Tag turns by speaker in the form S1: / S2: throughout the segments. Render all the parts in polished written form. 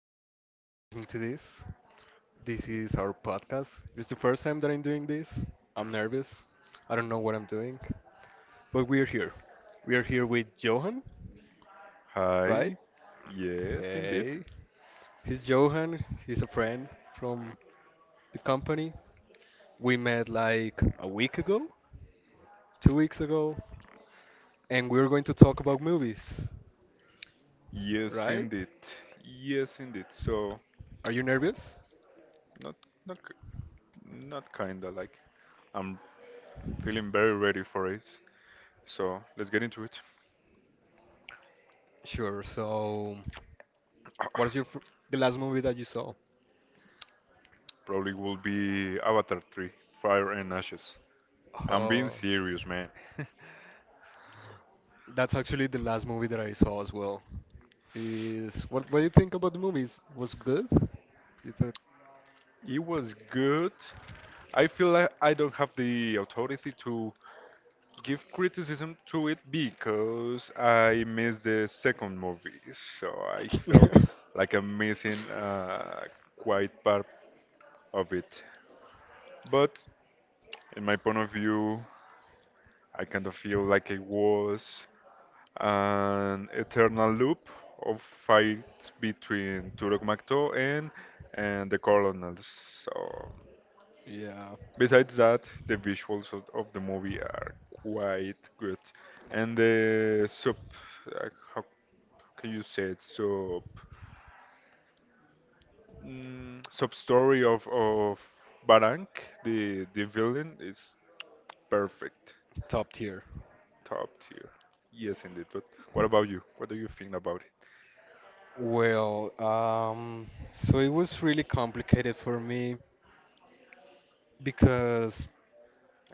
S1: to anyone that's listening to this. This is our podcast. It's the first time that I'm doing this. I'm nervous. I don't know what I'm doing. But we're here. We are here with Johan, right?
S2: Hi. Yes, indeed.
S1: Hey. He's Johan. He's a friend from the company. We met like a week ago, 2 weeks ago, and we're going to talk about movies,
S2: Yes,
S1: right?
S2: indeed. Yes, indeed. So,
S1: Are you nervous?
S2: not not k- not kinda like I'm feeling very ready for it. So, let's get into it.
S1: Sure. So, what's your fir- the last movie that you saw?
S2: Probably will be Avatar 3: Fire and Ashes. I'm being
S1: Uh,
S2: serious, man.
S1: that's actually the last movie that I saw as well. Is what do you think about the movies? Was good? You
S2: It was good. I feel like I don't have the authority to give criticism to it because I missed the second movie, so I felt
S1: thought?
S2: like I'm missing quite part of it. But in my point of view, I kind of feel like it was an eternal loop of fights between Turok Makto and the Colonels. So
S1: Yeah,
S2: besides that, the visuals of the movie are quite good, and the sub, uh, how can you say it, sub, sub story of Barank, the villain is perfect,
S1: top tier.
S2: top tier. Yes, indeed. But what about you? What do you think about it?
S1: Well, so it was really complicated for me because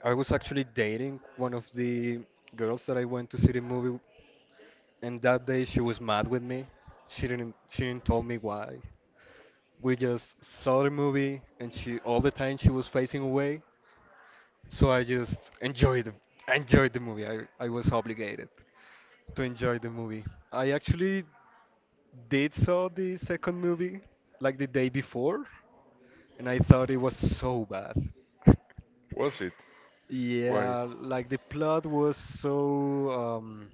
S1: I was actually dating one of the girls that I went to see the movie. And that day she was mad with me. She didn't tell me why. We just saw the movie and she all the time she was facing away. So I enjoyed the movie. I was obligated to enjoy the movie. I actually did saw the second movie like the day before and I thought it was so bad.
S2: Was it? Why?
S1: Yeah, like the plot was so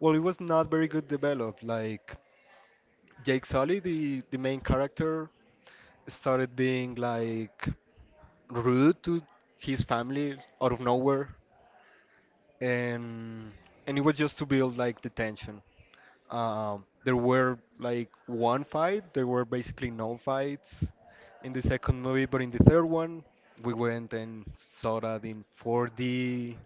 S1: well, it was not very good developed. Like Jake Sully, the main character, started being like rude to his family out of nowhere and it was just to build like the tension. There were like one fight. There were basically no fights in the second movie, but in the third one, we went and saw that in 4D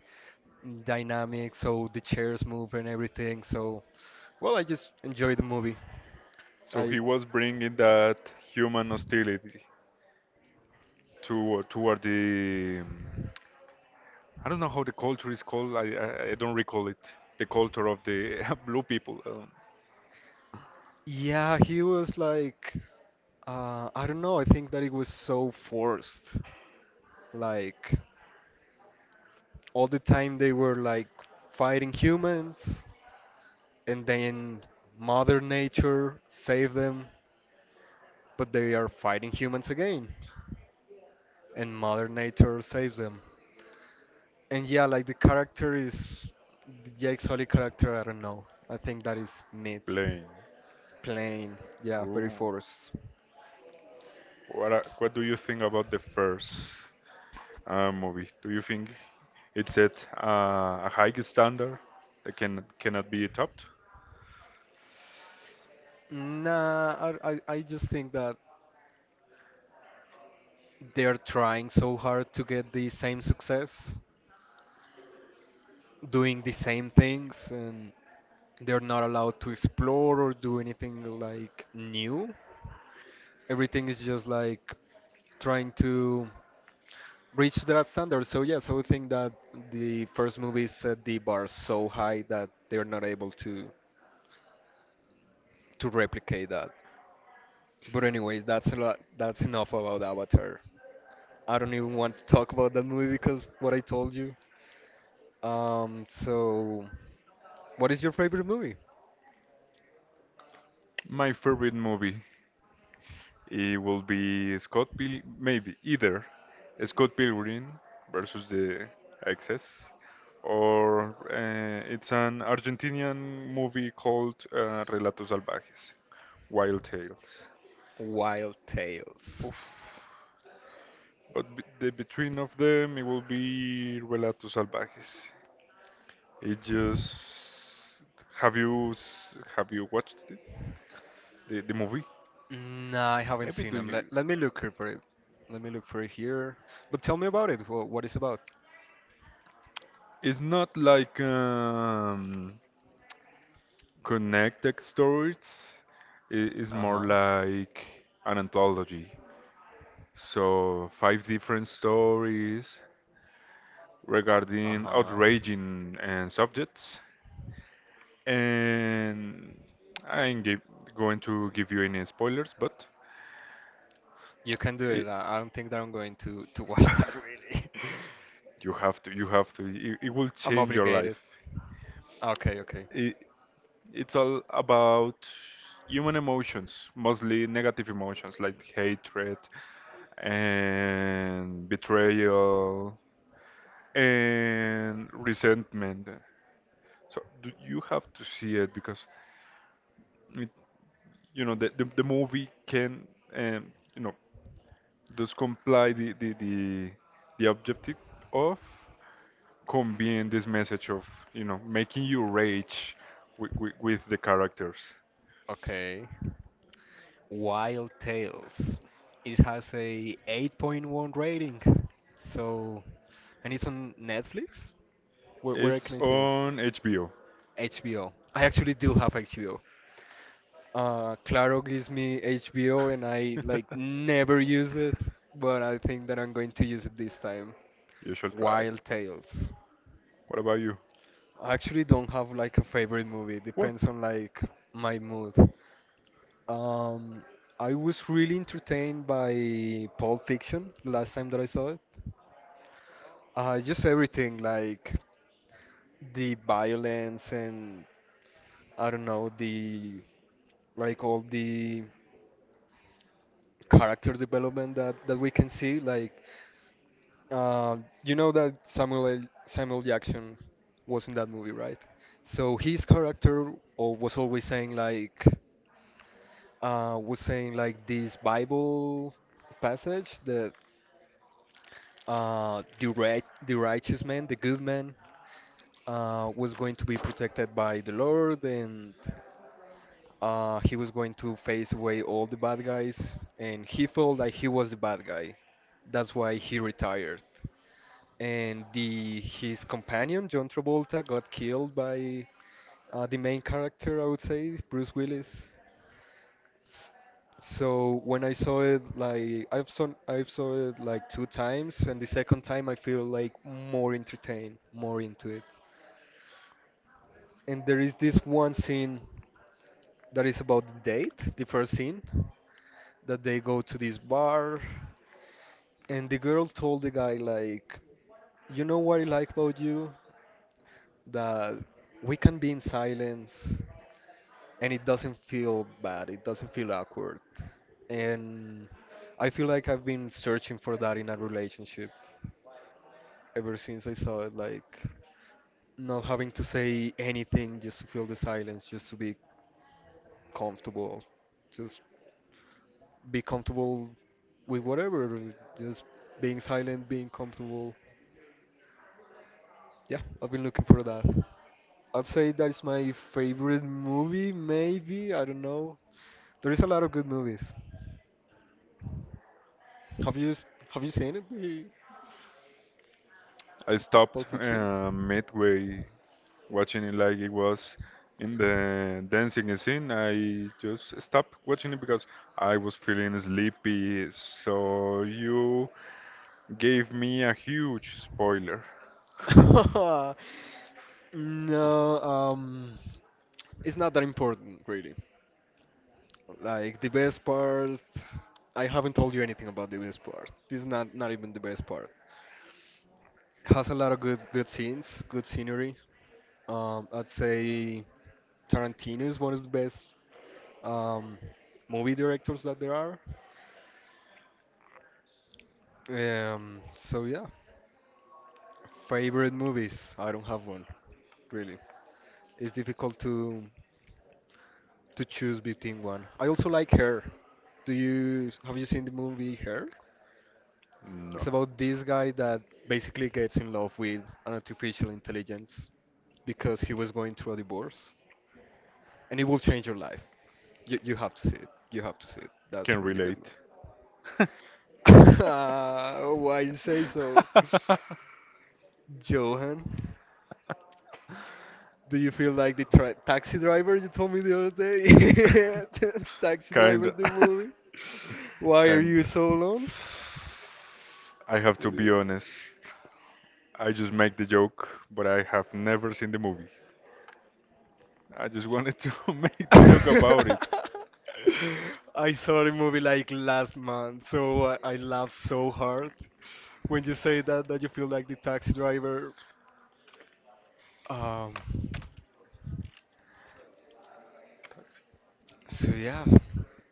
S1: dynamic, so the chairs move and everything. So, well, I just enjoyed the movie.
S2: So
S1: I
S2: he was bringing that human hostility to toward the, I don't know how the culture is called. I don't recall it. The culture of the blue people.
S1: Yeah, he was like, I don't know, I think that it was so forced. Like, all the time they were like fighting humans, and then Mother Nature saved them, but they are fighting humans again, and Mother Nature saves them. And yeah, like the Jake Sully character, I don't know. I think that is myth,
S2: Blaine.
S1: plain, yeah, very
S2: Oh,
S1: forced.
S2: what do you think about the first movie? Do you think it's at a high standard that cannot be topped?
S1: Nah, I just think that they're trying so hard to get the same success, doing the same things, and they're not allowed to explore or do anything like new. Everything is just like trying to reach that standard. So yes, I would think that the first movie set the bar so high that they're not able to. To replicate that. But anyways, that's a lot. That's enough about Avatar. I don't even want to talk about that movie because what I told you. So what is your favorite movie?
S2: My favorite movie it will be Scott Pil maybe either Scott Pilgrim versus the Access, or it's an Argentinian movie called Relatos Salvajes, Wild Tales.
S1: Wild Tales.
S2: Oof. But be the between of them it will be Relatos Salvajes. It just have you watched it? The movie?
S1: Nah, I haven't
S2: Maybe
S1: seen
S2: do
S1: them. Let,
S2: you?
S1: let me look here for it. Let me look for it here. But tell me about it. What it's about?
S2: It's not like, connected stories. It is
S1: Uh-huh.
S2: more like an anthology. So five different stories regarding
S1: Uh-huh.
S2: outraging and subjects. And I ain't give, going to give you any spoilers, but
S1: You can do
S2: it,
S1: it. I don't think that I'm going to watch that really.
S2: you have to it will
S1: I'm
S2: change your
S1: obligated.
S2: life.
S1: Okay, okay.
S2: it, it's all about human emotions, mostly negative emotions like hatred and betrayal and resentment. So do you have to see it because it, you know the movie can, um, you know does comply the objective of conveying this message of making you rage with the characters.
S1: Okay. Wild Tales. It has a 8.1 rating. So, and it's on Netflix? Where
S2: It's
S1: can I see it?
S2: on HBO.
S1: HBO. I actually do have HBO. Claro gives me HBO and I like never use it, but I think that I'm going to use it this time.
S2: You should try.
S1: Wild Tales.
S2: What about you?
S1: I actually don't have like a favorite movie. It
S2: What?
S1: depends on like my mood. Um, I was really entertained by Pulp Fiction the last time that I saw it. Just everything like the violence and I don't know the like all the character development that we can see. Like uh, you know that Samuel Jackson was in that movie, right? So his character was always saying like. Was saying like this Bible passage that the right, the righteous man, the good man, was going to be protected by the Lord, and he was going to face away all the bad guys, and he felt like he was the bad guy. That's why he retired. And the his companion John Travolta got killed by the main character, I would say, Bruce Willis. S- So when I saw it, like I've saw it like two times, and the second time I feel like more entertained, more into it. And there is this one scene that is about the date, the first scene, that they go to this bar, and the girl told the guy like, you know what I like about you? That we can be in silence. And it doesn't feel bad, it doesn't feel awkward. And I feel like I've been searching for that in a relationship ever since I saw it, like not having to say anything just to feel the silence, just to be comfortable, just be comfortable with whatever, just being silent, being comfortable. Yeah, I've been looking for that. I'd say that's my favorite movie, maybe, I don't know. There is a lot of good movies. Have you s- have you seen it?
S2: I stopped,
S1: Pulp Fiction?
S2: midway watching it, like it was in the dancing scene. I just stopped watching it because I was feeling sleepy. So you gave me a huge spoiler.
S1: No, it's not that important, really. Like the best part, I haven't told you anything about the best part. This is not even the best part. Has a lot of good scenes, good scenery. I'd say Tarantino is one of the best um, movie directors that there are. So yeah, favorite movies? I don't have one, really. It's difficult to choose between one. I also like her. Do you Have you seen the movie Her?
S2: Not.
S1: It's about this guy that basically gets in love with an artificial intelligence because he was going through a divorce, and it will change your life. You have to see it. You have to see it. That's a
S2: Can
S1: really good
S2: relate.
S1: movie. Ah, why you say so? Johan, do you feel like the tra taxi driver you told me the other day? Taxi driver,
S2: Kinda.
S1: the movie. Why are you
S2: Kinda.
S1: so alone?
S2: I have to be honest. I just make the joke, but I have never seen the movie. I just wanted to make the joke about it.
S1: I saw the movie like last month, so I laughed so hard when you say that you feel like the taxi driver. Um, so yeah,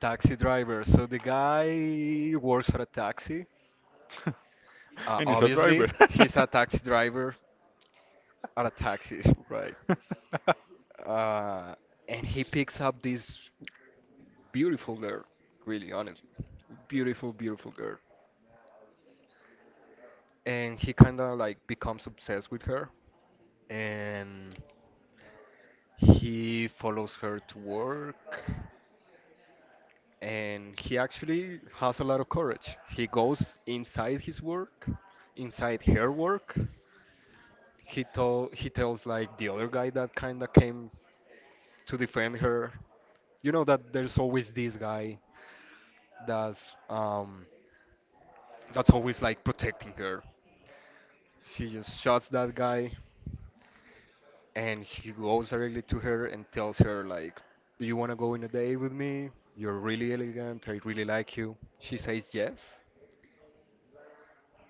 S1: taxi driver. So the guy works for a taxi.
S2: And he's a
S1: Obviously,
S2: driver.
S1: he's a taxi driver at a taxi, right? Uh, and he picks up this beautiful girl, really honestly, beautiful, beautiful girl. And he kind of like becomes obsessed with her and he follows her to work and he actually has a lot of courage, he goes inside his work, inside her work. He tells like the other guy that kind of came to defend her, you know, that there's always this guy that's um that's always like protecting her. She just shots that guy and he goes directly to her and tells her like, do you want to go on a date with me? You're really elegant, I really like you. She says yes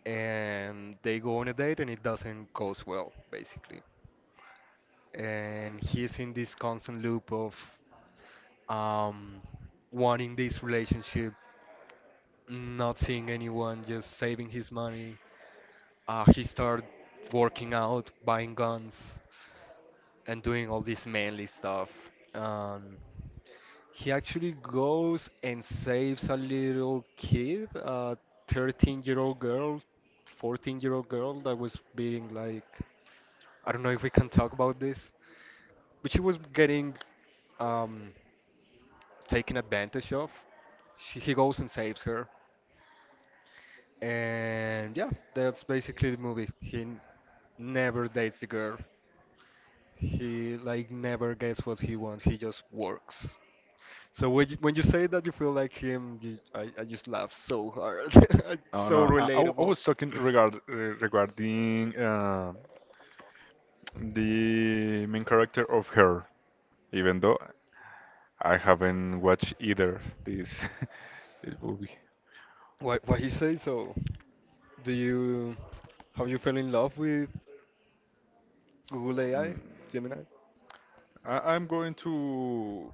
S1: and they go on a date and it doesn't goes well basically. And he's in this constant loop of um wanting this relationship, not seeing anyone, just saving his money. He started working out, buying guns and doing all this manly stuff. Um, he actually goes and saves a little kid, a 13-year-old girl, 14-year-old girl that was being like, I don't know if we can talk about this, but she was getting um, taken advantage of. He goes and saves her. And yeah, that's basically the movie. Never dates the girl. He like never gets what he wants. He just works. So when you say that you feel like him, I just laugh so hard. It's
S2: No,
S1: so
S2: no. I
S1: relatable.
S2: was talking regarding the main character of her. Even though I haven't watched either this this movie.
S1: Why you say so? Do you Have you fell in love with Google AI,
S2: Mm.
S1: Gemini?
S2: I'm going to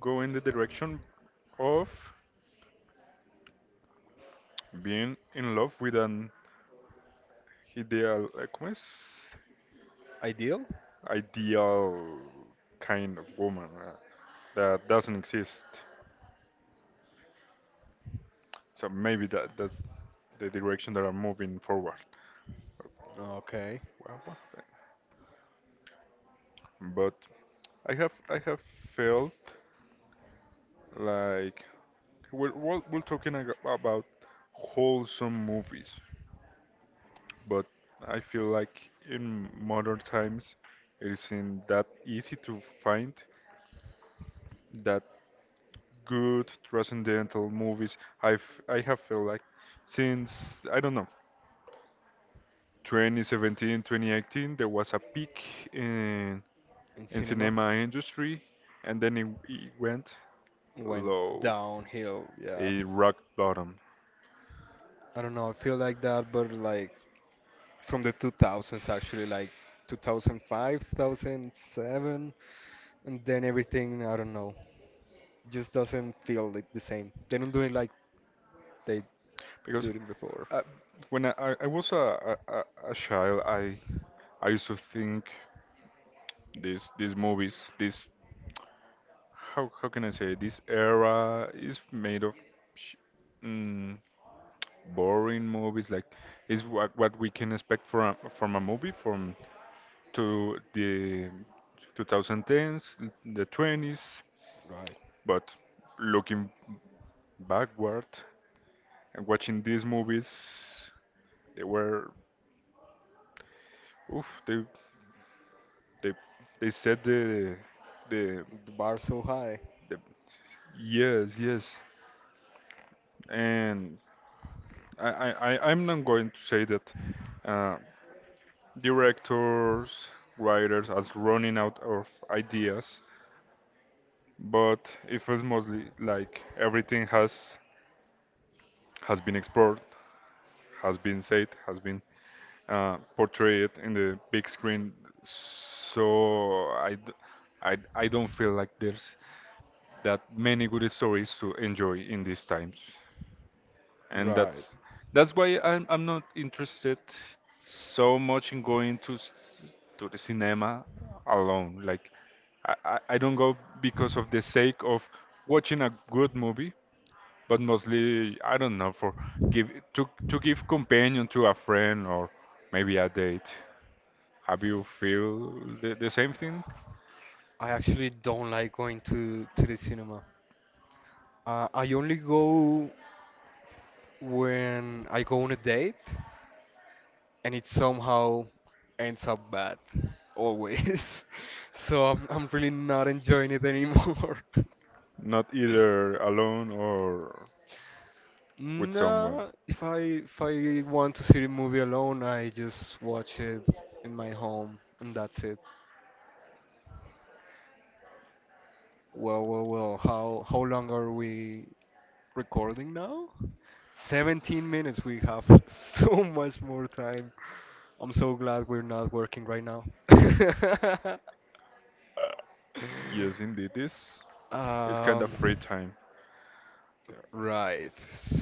S2: go in the direction of being in love with an ideal, ¿cómo es?
S1: Ideal?
S2: Ideal kind of woman that doesn't exist. So maybe that's the direction that I'm moving forward.
S1: Okay.
S2: Well, well, but I have felt. Like we're talking about wholesome movies, but I feel like in modern times it isn't that easy to find that good transcendental movies. I've I have felt like since, I don't know, 2017, 2018, there was a peak in
S1: In cinema?
S2: cinema industry, and then it went
S1: Went
S2: low.
S1: downhill, yeah.
S2: It rock bottom.
S1: I don't know, I feel like that, but like from the 2000s actually, like 2005, 2007, and then everything, I don't know. Just doesn't feel like the same. They don't do it like they do
S2: Because,
S1: it before.
S2: uh, when I was a child, I used to think these movies, this, how can I say, this era is made of, sh mm, boring movies. Like is what we can expect from a movie from to the 2010s, the 20s.
S1: Right.
S2: But looking backward and watching these movies, they were, oof, They they said the, the
S1: The bar's so high.
S2: the yes, yes, and I'm not going to say that, uh, directors, writers are running out of ideas, but it feels mostly like everything has been explored, has been said, has been, portrayed in the big screen. So I don't feel like there's that many good stories to enjoy in these times. And
S1: Right.
S2: that's why I'm not interested so much in going to the cinema alone. Like I don't go because of the sake of watching a good movie, but mostly, I don't know, for give companion to a friend or maybe a date. Have you feel the same thing?
S1: I actually don't like going to the cinema. I only go when I go on a date and it somehow ends up bad. Always. So I'm really not enjoying it anymore.
S2: Not either alone or with someone.
S1: Nah, if I want to see the movie alone, I just watch it in my home and that's it. Well, how long are we recording now?
S2: Yes,
S1: 17 minutes. We have so much more time. I'm so glad we're not working right now.
S2: yes, indeed. It's kind of free
S1: Um,
S2: time.
S1: right.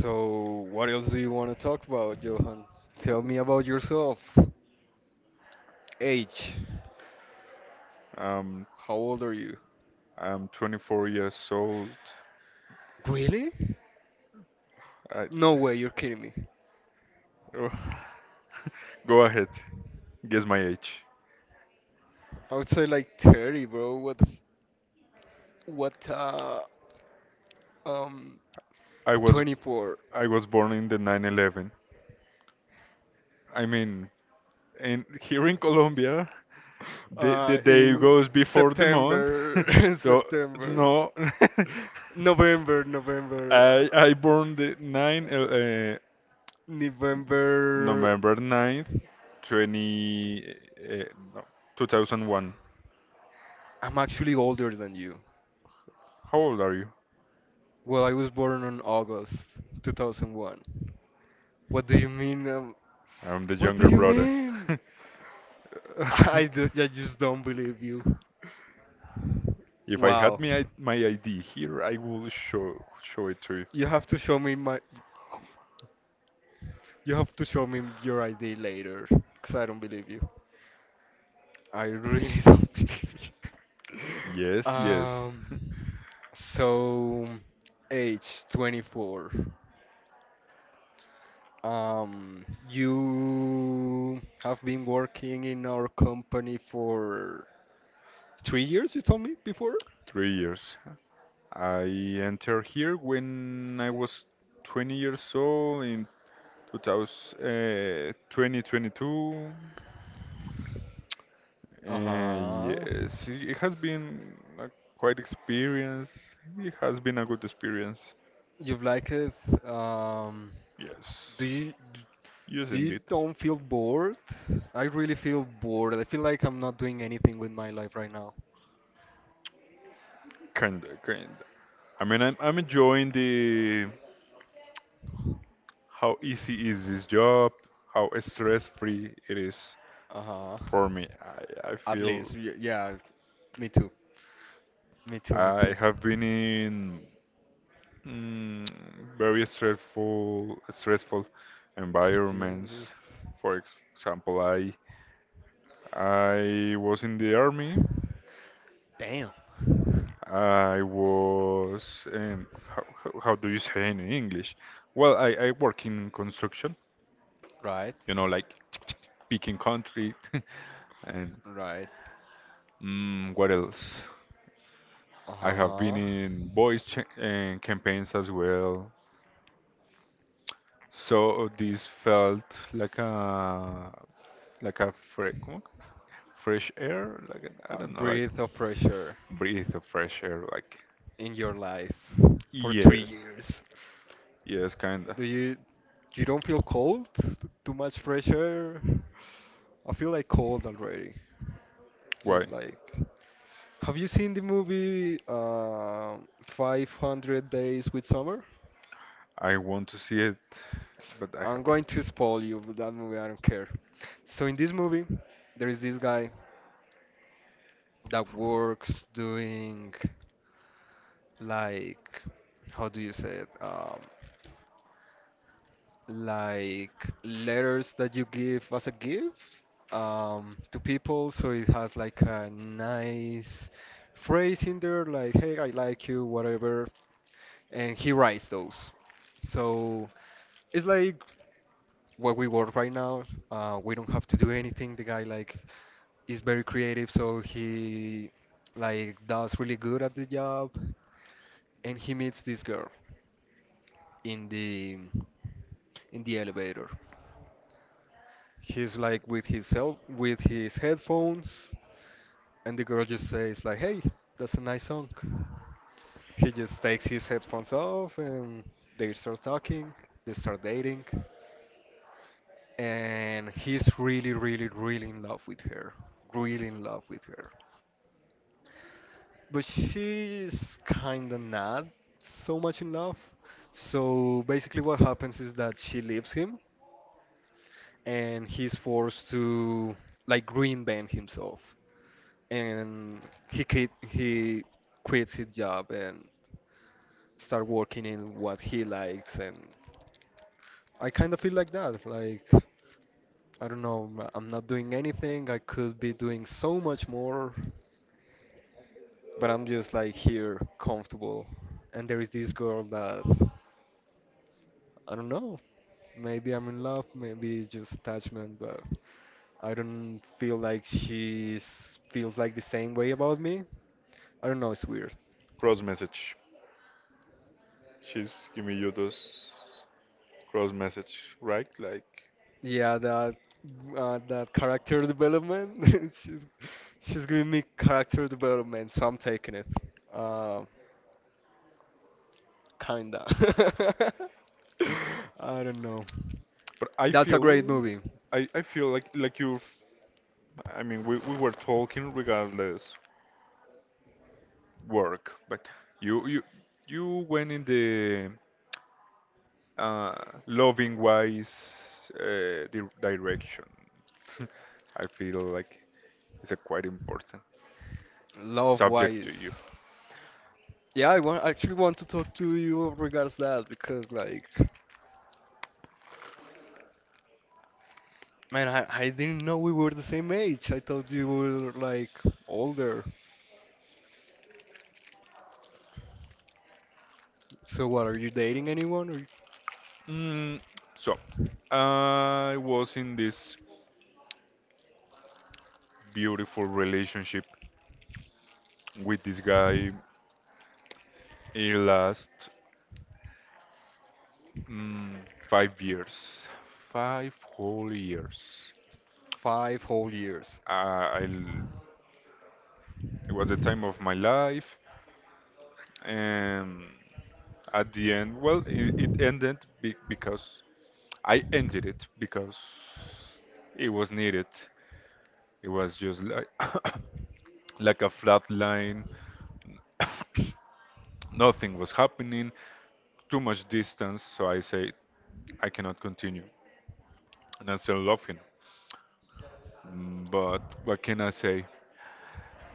S1: So, what else do you want to talk about, Johan? Tell me about yourself. Age.
S2: Um,
S1: How old are you?
S2: I'm 24 years old.
S1: Really?
S2: I
S1: No way, you're kidding me.
S2: Oh, go ahead. Guess my age.
S1: I would say like 30, bro. What um
S2: I was
S1: 24.
S2: I was born in the 911. I mean, in here in Colombia, the day
S1: In
S2: goes before the month.
S1: September,
S2: So
S1: September,
S2: no.
S1: November, November,
S2: I I born the 9,
S1: November.
S2: November 9, 20, uh, no, 2001.
S1: I'm actually older than you.
S2: How old are you?
S1: Well, I was born on August 2001. What do you mean?
S2: I'm the
S1: What do
S2: younger
S1: you
S2: brother.
S1: mean? I do, I just don't believe you.
S2: If I had
S1: Wow.
S2: my, my ID here, I will show it to you.
S1: You have to show me my— you have to show me your ID later, cause I don't believe you. I really don't believe you.
S2: Yes, yes,
S1: Um. So, age 24. You have been working in our company for 3 years, you told me before?
S2: 3 years. I entered here when I was 20 years old in 2000, uh, 2022. Uh,
S1: Uh-huh.
S2: yes, it has been a quite experience. It has been a good experience.
S1: You've liked it. Um,
S2: Yes,
S1: do you
S2: yes,
S1: do you
S2: indeed.
S1: don't feel bored? I really feel bored. I feel like I'm not doing anything with my life right now.
S2: Kinda, kinda. I mean, I'm enjoying the how easy is this job, how stress-free it is
S1: Uh-huh.
S2: for me. I
S1: At least,
S2: feel
S1: yeah, me too. Me too, me
S2: I
S1: too.
S2: have been in, mm, very stressful
S1: Experiences.
S2: environments. For example, I was in the army.
S1: Damn.
S2: I was, how do you say in English? Well, I work in construction,
S1: Right,
S2: like, picking concrete, and,
S1: right.
S2: what else? I have been
S1: Uh-huh.
S2: in voice, and campaigns as well. So this felt like a like a fre ¿cómo? Fresh air, I
S1: A
S2: don't know, like
S1: breath of fresh air
S2: breathe of fresh air, like,
S1: in your life for three
S2: yes,
S1: years.
S2: yes, kinda.
S1: Do you don't feel cold? Too much fresh air? I feel like cold already.
S2: Why?
S1: Just like, have you seen the movie 500 Days with Summer?
S2: I want to see it, but I
S1: I'm
S2: haven't.
S1: going to spoil you with that movie. I don't care. So in this movie, there is this guy that works doing like, how do you say it? Like letters that you give as a gift to people. So it has like a nice phrase in there, like "Hey, I like you," whatever, and he writes those. So it's like what we work right now. We don't have to do anything. The guy like is very creative, so he like does really good at the job, and he meets this girl in the in the elevator. He's like with his cell, with his headphones, and the girl just says like, "Hey, that's a nice song." He just takes his headphones off, and they start talking. They start dating, and he's really, really, really in love with her. Really in love with her. But she's kinda not so much in love. So basically, what happens is that she leaves him and he's forced to like reinvent himself. And he quits his job and start working in what he likes. And I kind of feel like that. Like I don't know, I'm not doing anything. I could be doing so much more, but I'm just like here, comfortable. And there is this girl that I don't know. Maybe I'm in love, maybe it's just attachment, but I don't feel like she feels like the same way about me. I don't know, it's weird.
S2: Cross message. She's giving you those cross message, right? Like...
S1: Yeah, that that character development. She's giving me character development, so I'm taking it. Uh, kinda.
S2: and,
S1: I don't know.
S2: but I
S1: That's a great
S2: feel,
S1: movie.
S2: I feel like you. I mean, we were talking regardless work, but you you you went in the, uh, loving wise, di direction. I feel like it's a quite important
S1: Love
S2: subject to...
S1: Wise. Yeah, I want actually want to talk to you regards that because like man, I didn't know we were the same age. I thought you were like older. So what, are you dating anyone? Or
S2: Mm, so, I was in this beautiful relationship with this guy. It last, mm, 5 years, 5 whole years.
S1: five whole years.
S2: I, I l- it was the time of my life, and at the end, well, it ended, because I ended it because it was needed. It was just like like a flat line. Nothing was happening. Too much distance, so I say I cannot continue. And I started laughing. But what can I say?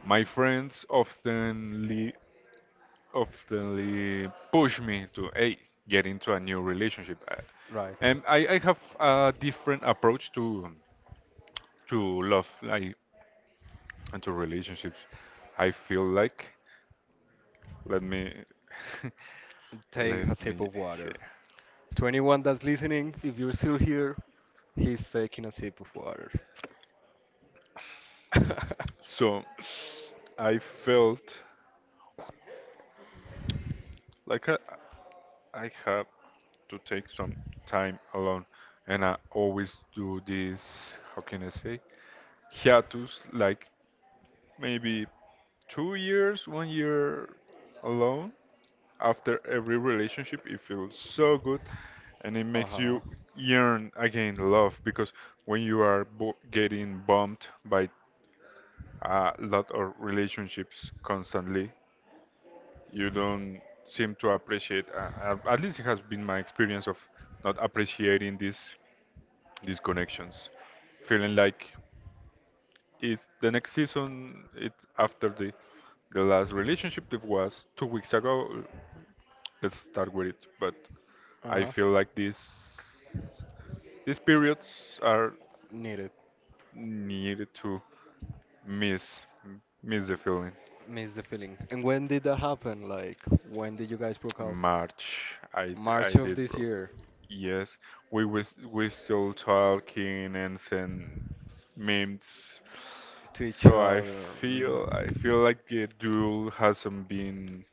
S2: My friends oftenly push me to, hey get into a new relationship. Uh,
S1: Right.
S2: And I have a different approach to, to love, and to relationships. I feel like let me
S1: Take
S2: let
S1: a sip
S2: me
S1: of
S2: see.
S1: water. To anyone that's listening, if you're still here, he's taking a sip of water.
S2: So I felt like I have to take some time alone. And I always do this, how can I say, hiatus, like maybe 2 years, 1 year alone. After every relationship, it feels so good and it makes
S1: Uh-huh.
S2: you yearn again love, because when you are, getting bumped by a lot of relationships constantly, you don't seem to appreciate — at least it has been my experience of not appreciating this these connections, feeling like it's the next season, it's after the, last relationship that was 2 weeks ago. Let's start with it. But I
S1: Uh-huh.
S2: feel like these periods are
S1: Need it.
S2: needed to miss miss the feeling.
S1: Miss the feeling. And when did that happen? Like, when did you guys broke out?
S2: March, I
S1: March
S2: I
S1: of
S2: did,
S1: this
S2: bro.
S1: year.
S2: Yes, we still talking and send memes.
S1: To each
S2: So I
S1: other. Mm.
S2: feel I feel like the duel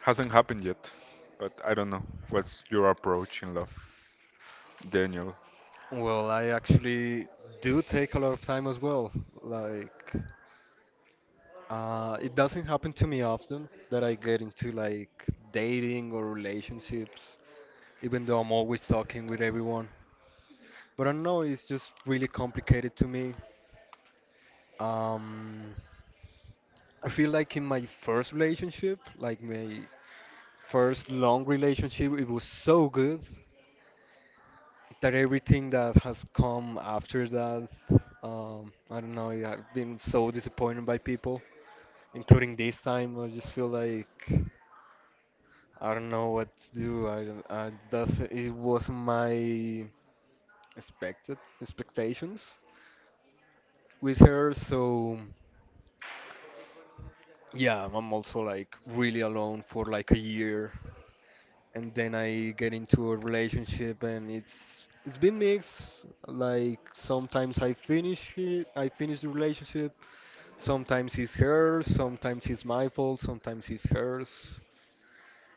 S2: hasn't happened yet. But I don't know. What's your approach in love, Daniel?
S1: Well, I actually do take a lot of time as well. Like, it doesn't happen to me often that I get into like dating or relationships, even though I'm always talking with everyone. But I don't know, it's just really complicated to me. Um, I feel like in my first relationship, like my first long relationship, it was so good that everything that has come after that, I don't know, I've been so disappointed by people, including this time. I just feel like— I don't know what to do. I don't. That's— it was my expected expectations with her. So yeah, I'm also like really alone for like a year, and then I get into a relationship, and it's been mixed. Like sometimes I finish it, I finish the relationship. Sometimes it's hers. Sometimes it's my fault. Sometimes it's hers.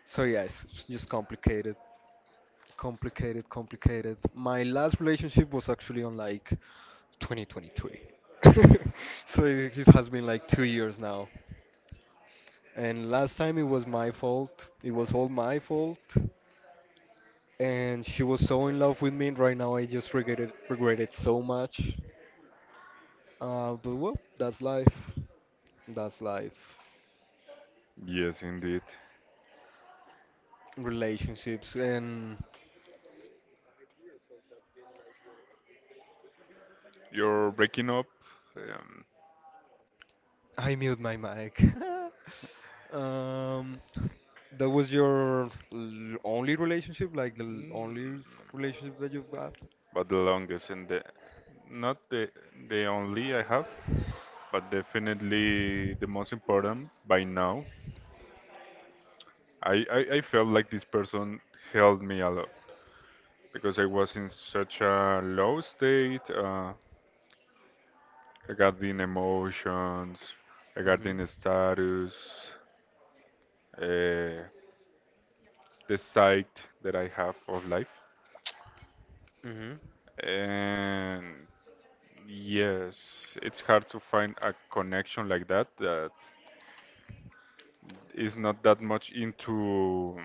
S1: So yeah, it's just complicated. Complicated, complicated. My last relationship was actually on like 2023. So it just has been like 2 years now. And last time it was my fault. It was all my fault. And she was so in love with me. Right now I just regret it so much. But well, that's life. That's life.
S2: Yes, indeed.
S1: Relationships. And
S2: You're breaking up, um,
S1: I mute my mic. Um, that was your only relationship, like the
S2: mm,
S1: only relationship that you've got?
S2: but the longest, and the not the only I have, but definitely the most important by now. I felt like this person helped me a lot because I was in such a low state, regarding emotions,
S1: Mhm.
S2: regarding status, uh, the sight that I have of life.
S1: Mhm.
S2: And yes, it's hard to find a connection like that, that is not that much into,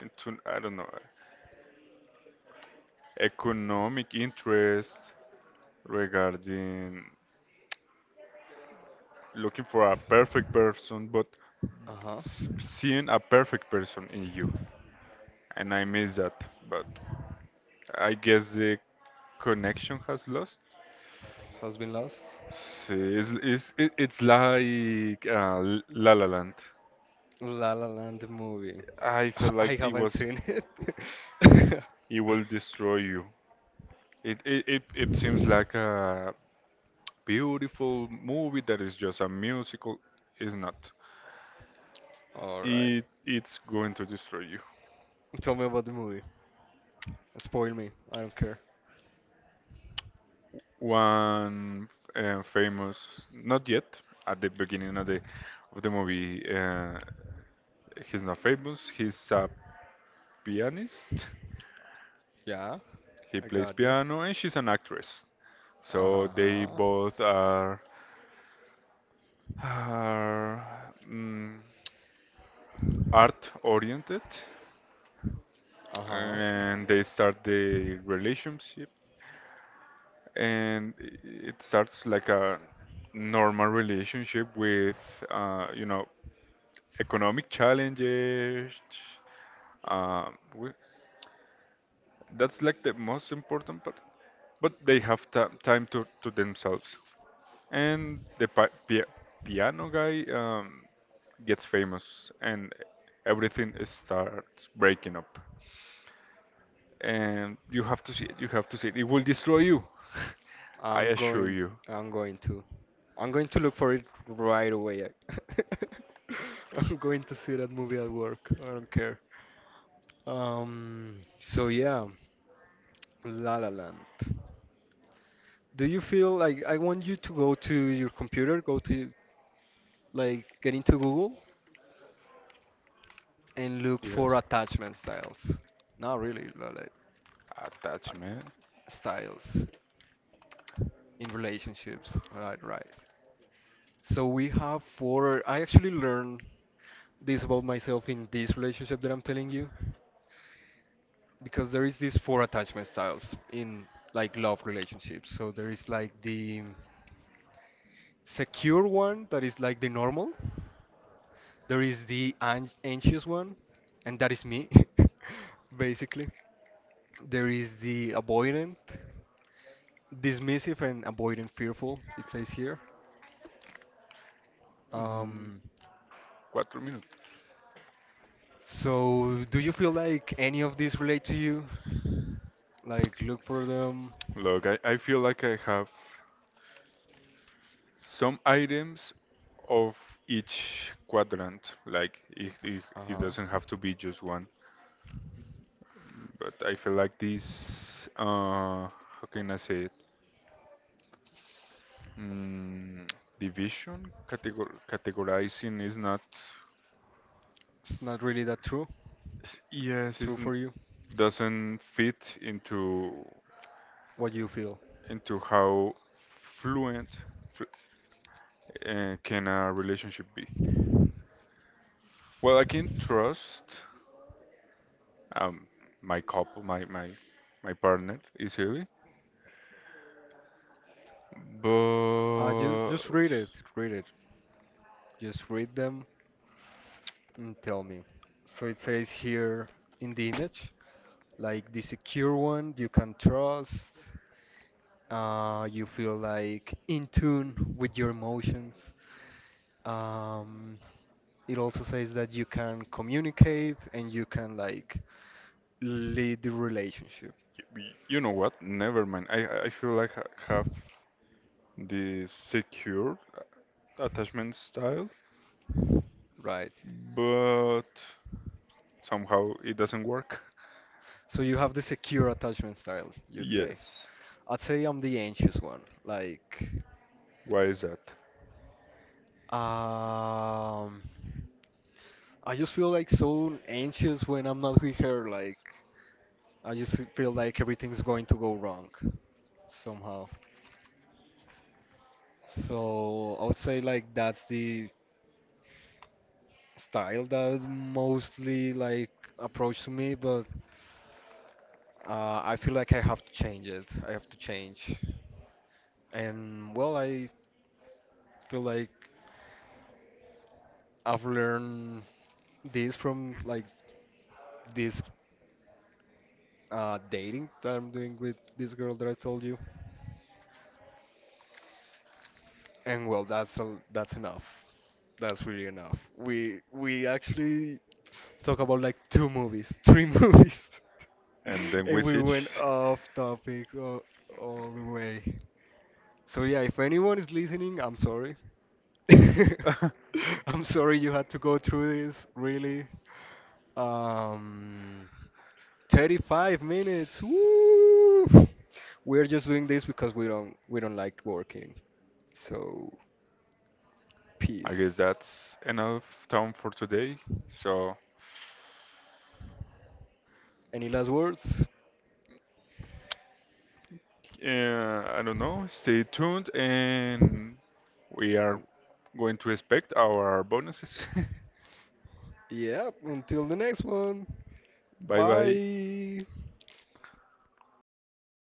S2: into I don't know, economic interest, regarding looking for a perfect person, but
S1: Uh-huh.
S2: seeing a perfect person in you, and I miss that. But I guess the connection has lost.
S1: Husband Lost?
S2: Sí, it's like, La La Land.
S1: La La Land movie.
S2: I feel
S1: I
S2: like
S1: haven't seen it.
S2: it will destroy you. It seems like a beautiful movie that is just a musical. Is not.
S1: All right.
S2: It's going to destroy you.
S1: Tell me about the movie. Spoil me. I don't care.
S2: One, famous, not yet, at the beginning of the movie. He's not famous. He's a pianist.
S1: Yeah,
S2: He
S1: I
S2: plays
S1: got you.
S2: piano, and she's an actress. So they
S1: Uh-huh.
S2: both are, art oriented,
S1: Uh-huh.
S2: and they start the relationship, and it starts like a normal relationship with, uh, you know economic challenges. uh, wi- That's like the most important part. But they have ti time to themselves. And the piano guy, gets famous and everything starts breaking up. And you have to see it, you have to see it. It will destroy you. I
S1: I'm
S2: assure
S1: going.
S2: you.
S1: I'm going to— I'm going to look for it right away. I'm going to see that movie at work. I don't care. So yeah, La La Land. Do you feel like— I want you to go to your computer, go to like get into Google and look
S2: Yes.
S1: for attachment styles. Not really, but, like uh,
S2: Attachment.
S1: styles in relationships. All right, right. So we have four. I actually learned this about myself in this relationship that I'm telling you, because there is these four attachment styles in like love relationships. So there is like the secure one that is like the normal. There is the an anxious one, and that is me, basically. There is the avoidant, dismissive and avoidant fearful, it says here.
S2: Mm,
S1: Um,
S2: Cuatro minutos.
S1: So, do you feel like any of these relate to you? Like, look for them.
S2: Look, I feel like I have. Some items of each quadrant. Like it
S1: Uh,
S2: doesn't have to be just one. But I feel like this, how can I say it? Mm, Division, categorizing is not,
S1: it's not really that true.
S2: yes,
S1: True
S2: it
S1: for you.
S2: doesn't fit into
S1: What you feel?
S2: into how fluent, fl- can a relationship be. Well, I can trust, um, my couple, my partner is easily.
S1: Just
S2: But
S1: just read it. Read it. Just read them and tell me. So it says here in the image, like the secure one you can trust. You feel like in tune with your emotions. Um, it also says that you can communicate and you can like lead the relationship,
S2: you know what? Never mind. I feel like I have the secure, attachment style,
S1: right?
S2: but somehow it doesn't work.
S1: So you have the secure attachment style, you'd say.
S2: Yes.
S1: I'd say I'm the anxious one. Like,
S2: Why is that?
S1: um, I just feel like so anxious when I'm not with her. Like, I just feel like everything's going to go wrong somehow. So I would say like that's the style that mostly like approach to me, but I feel like I have to change it. I have to change. And well, I feel like I've learned this from like this dating that I'm doing with this girl that I told you. And well, that's a— that's enough. That's really enough. We actually talk about like two movies, three movies,
S2: And then we
S1: and we
S2: switch.
S1: went off topic all the way. So yeah, if anyone is listening, I'm sorry.
S2: I
S1: I'm sorry you had to go through this, really. Um, 35 minutes. Woo! We're just doing this because we don't like working. So,
S2: guess
S1: peace.
S2: that's enough time for today. So.
S1: Any last words?
S2: I don't know. Stay tuned, and we are
S1: Um,
S2: going to expect our bonuses.
S1: Yeah, until the next one.
S2: Bye bye.
S1: Bye.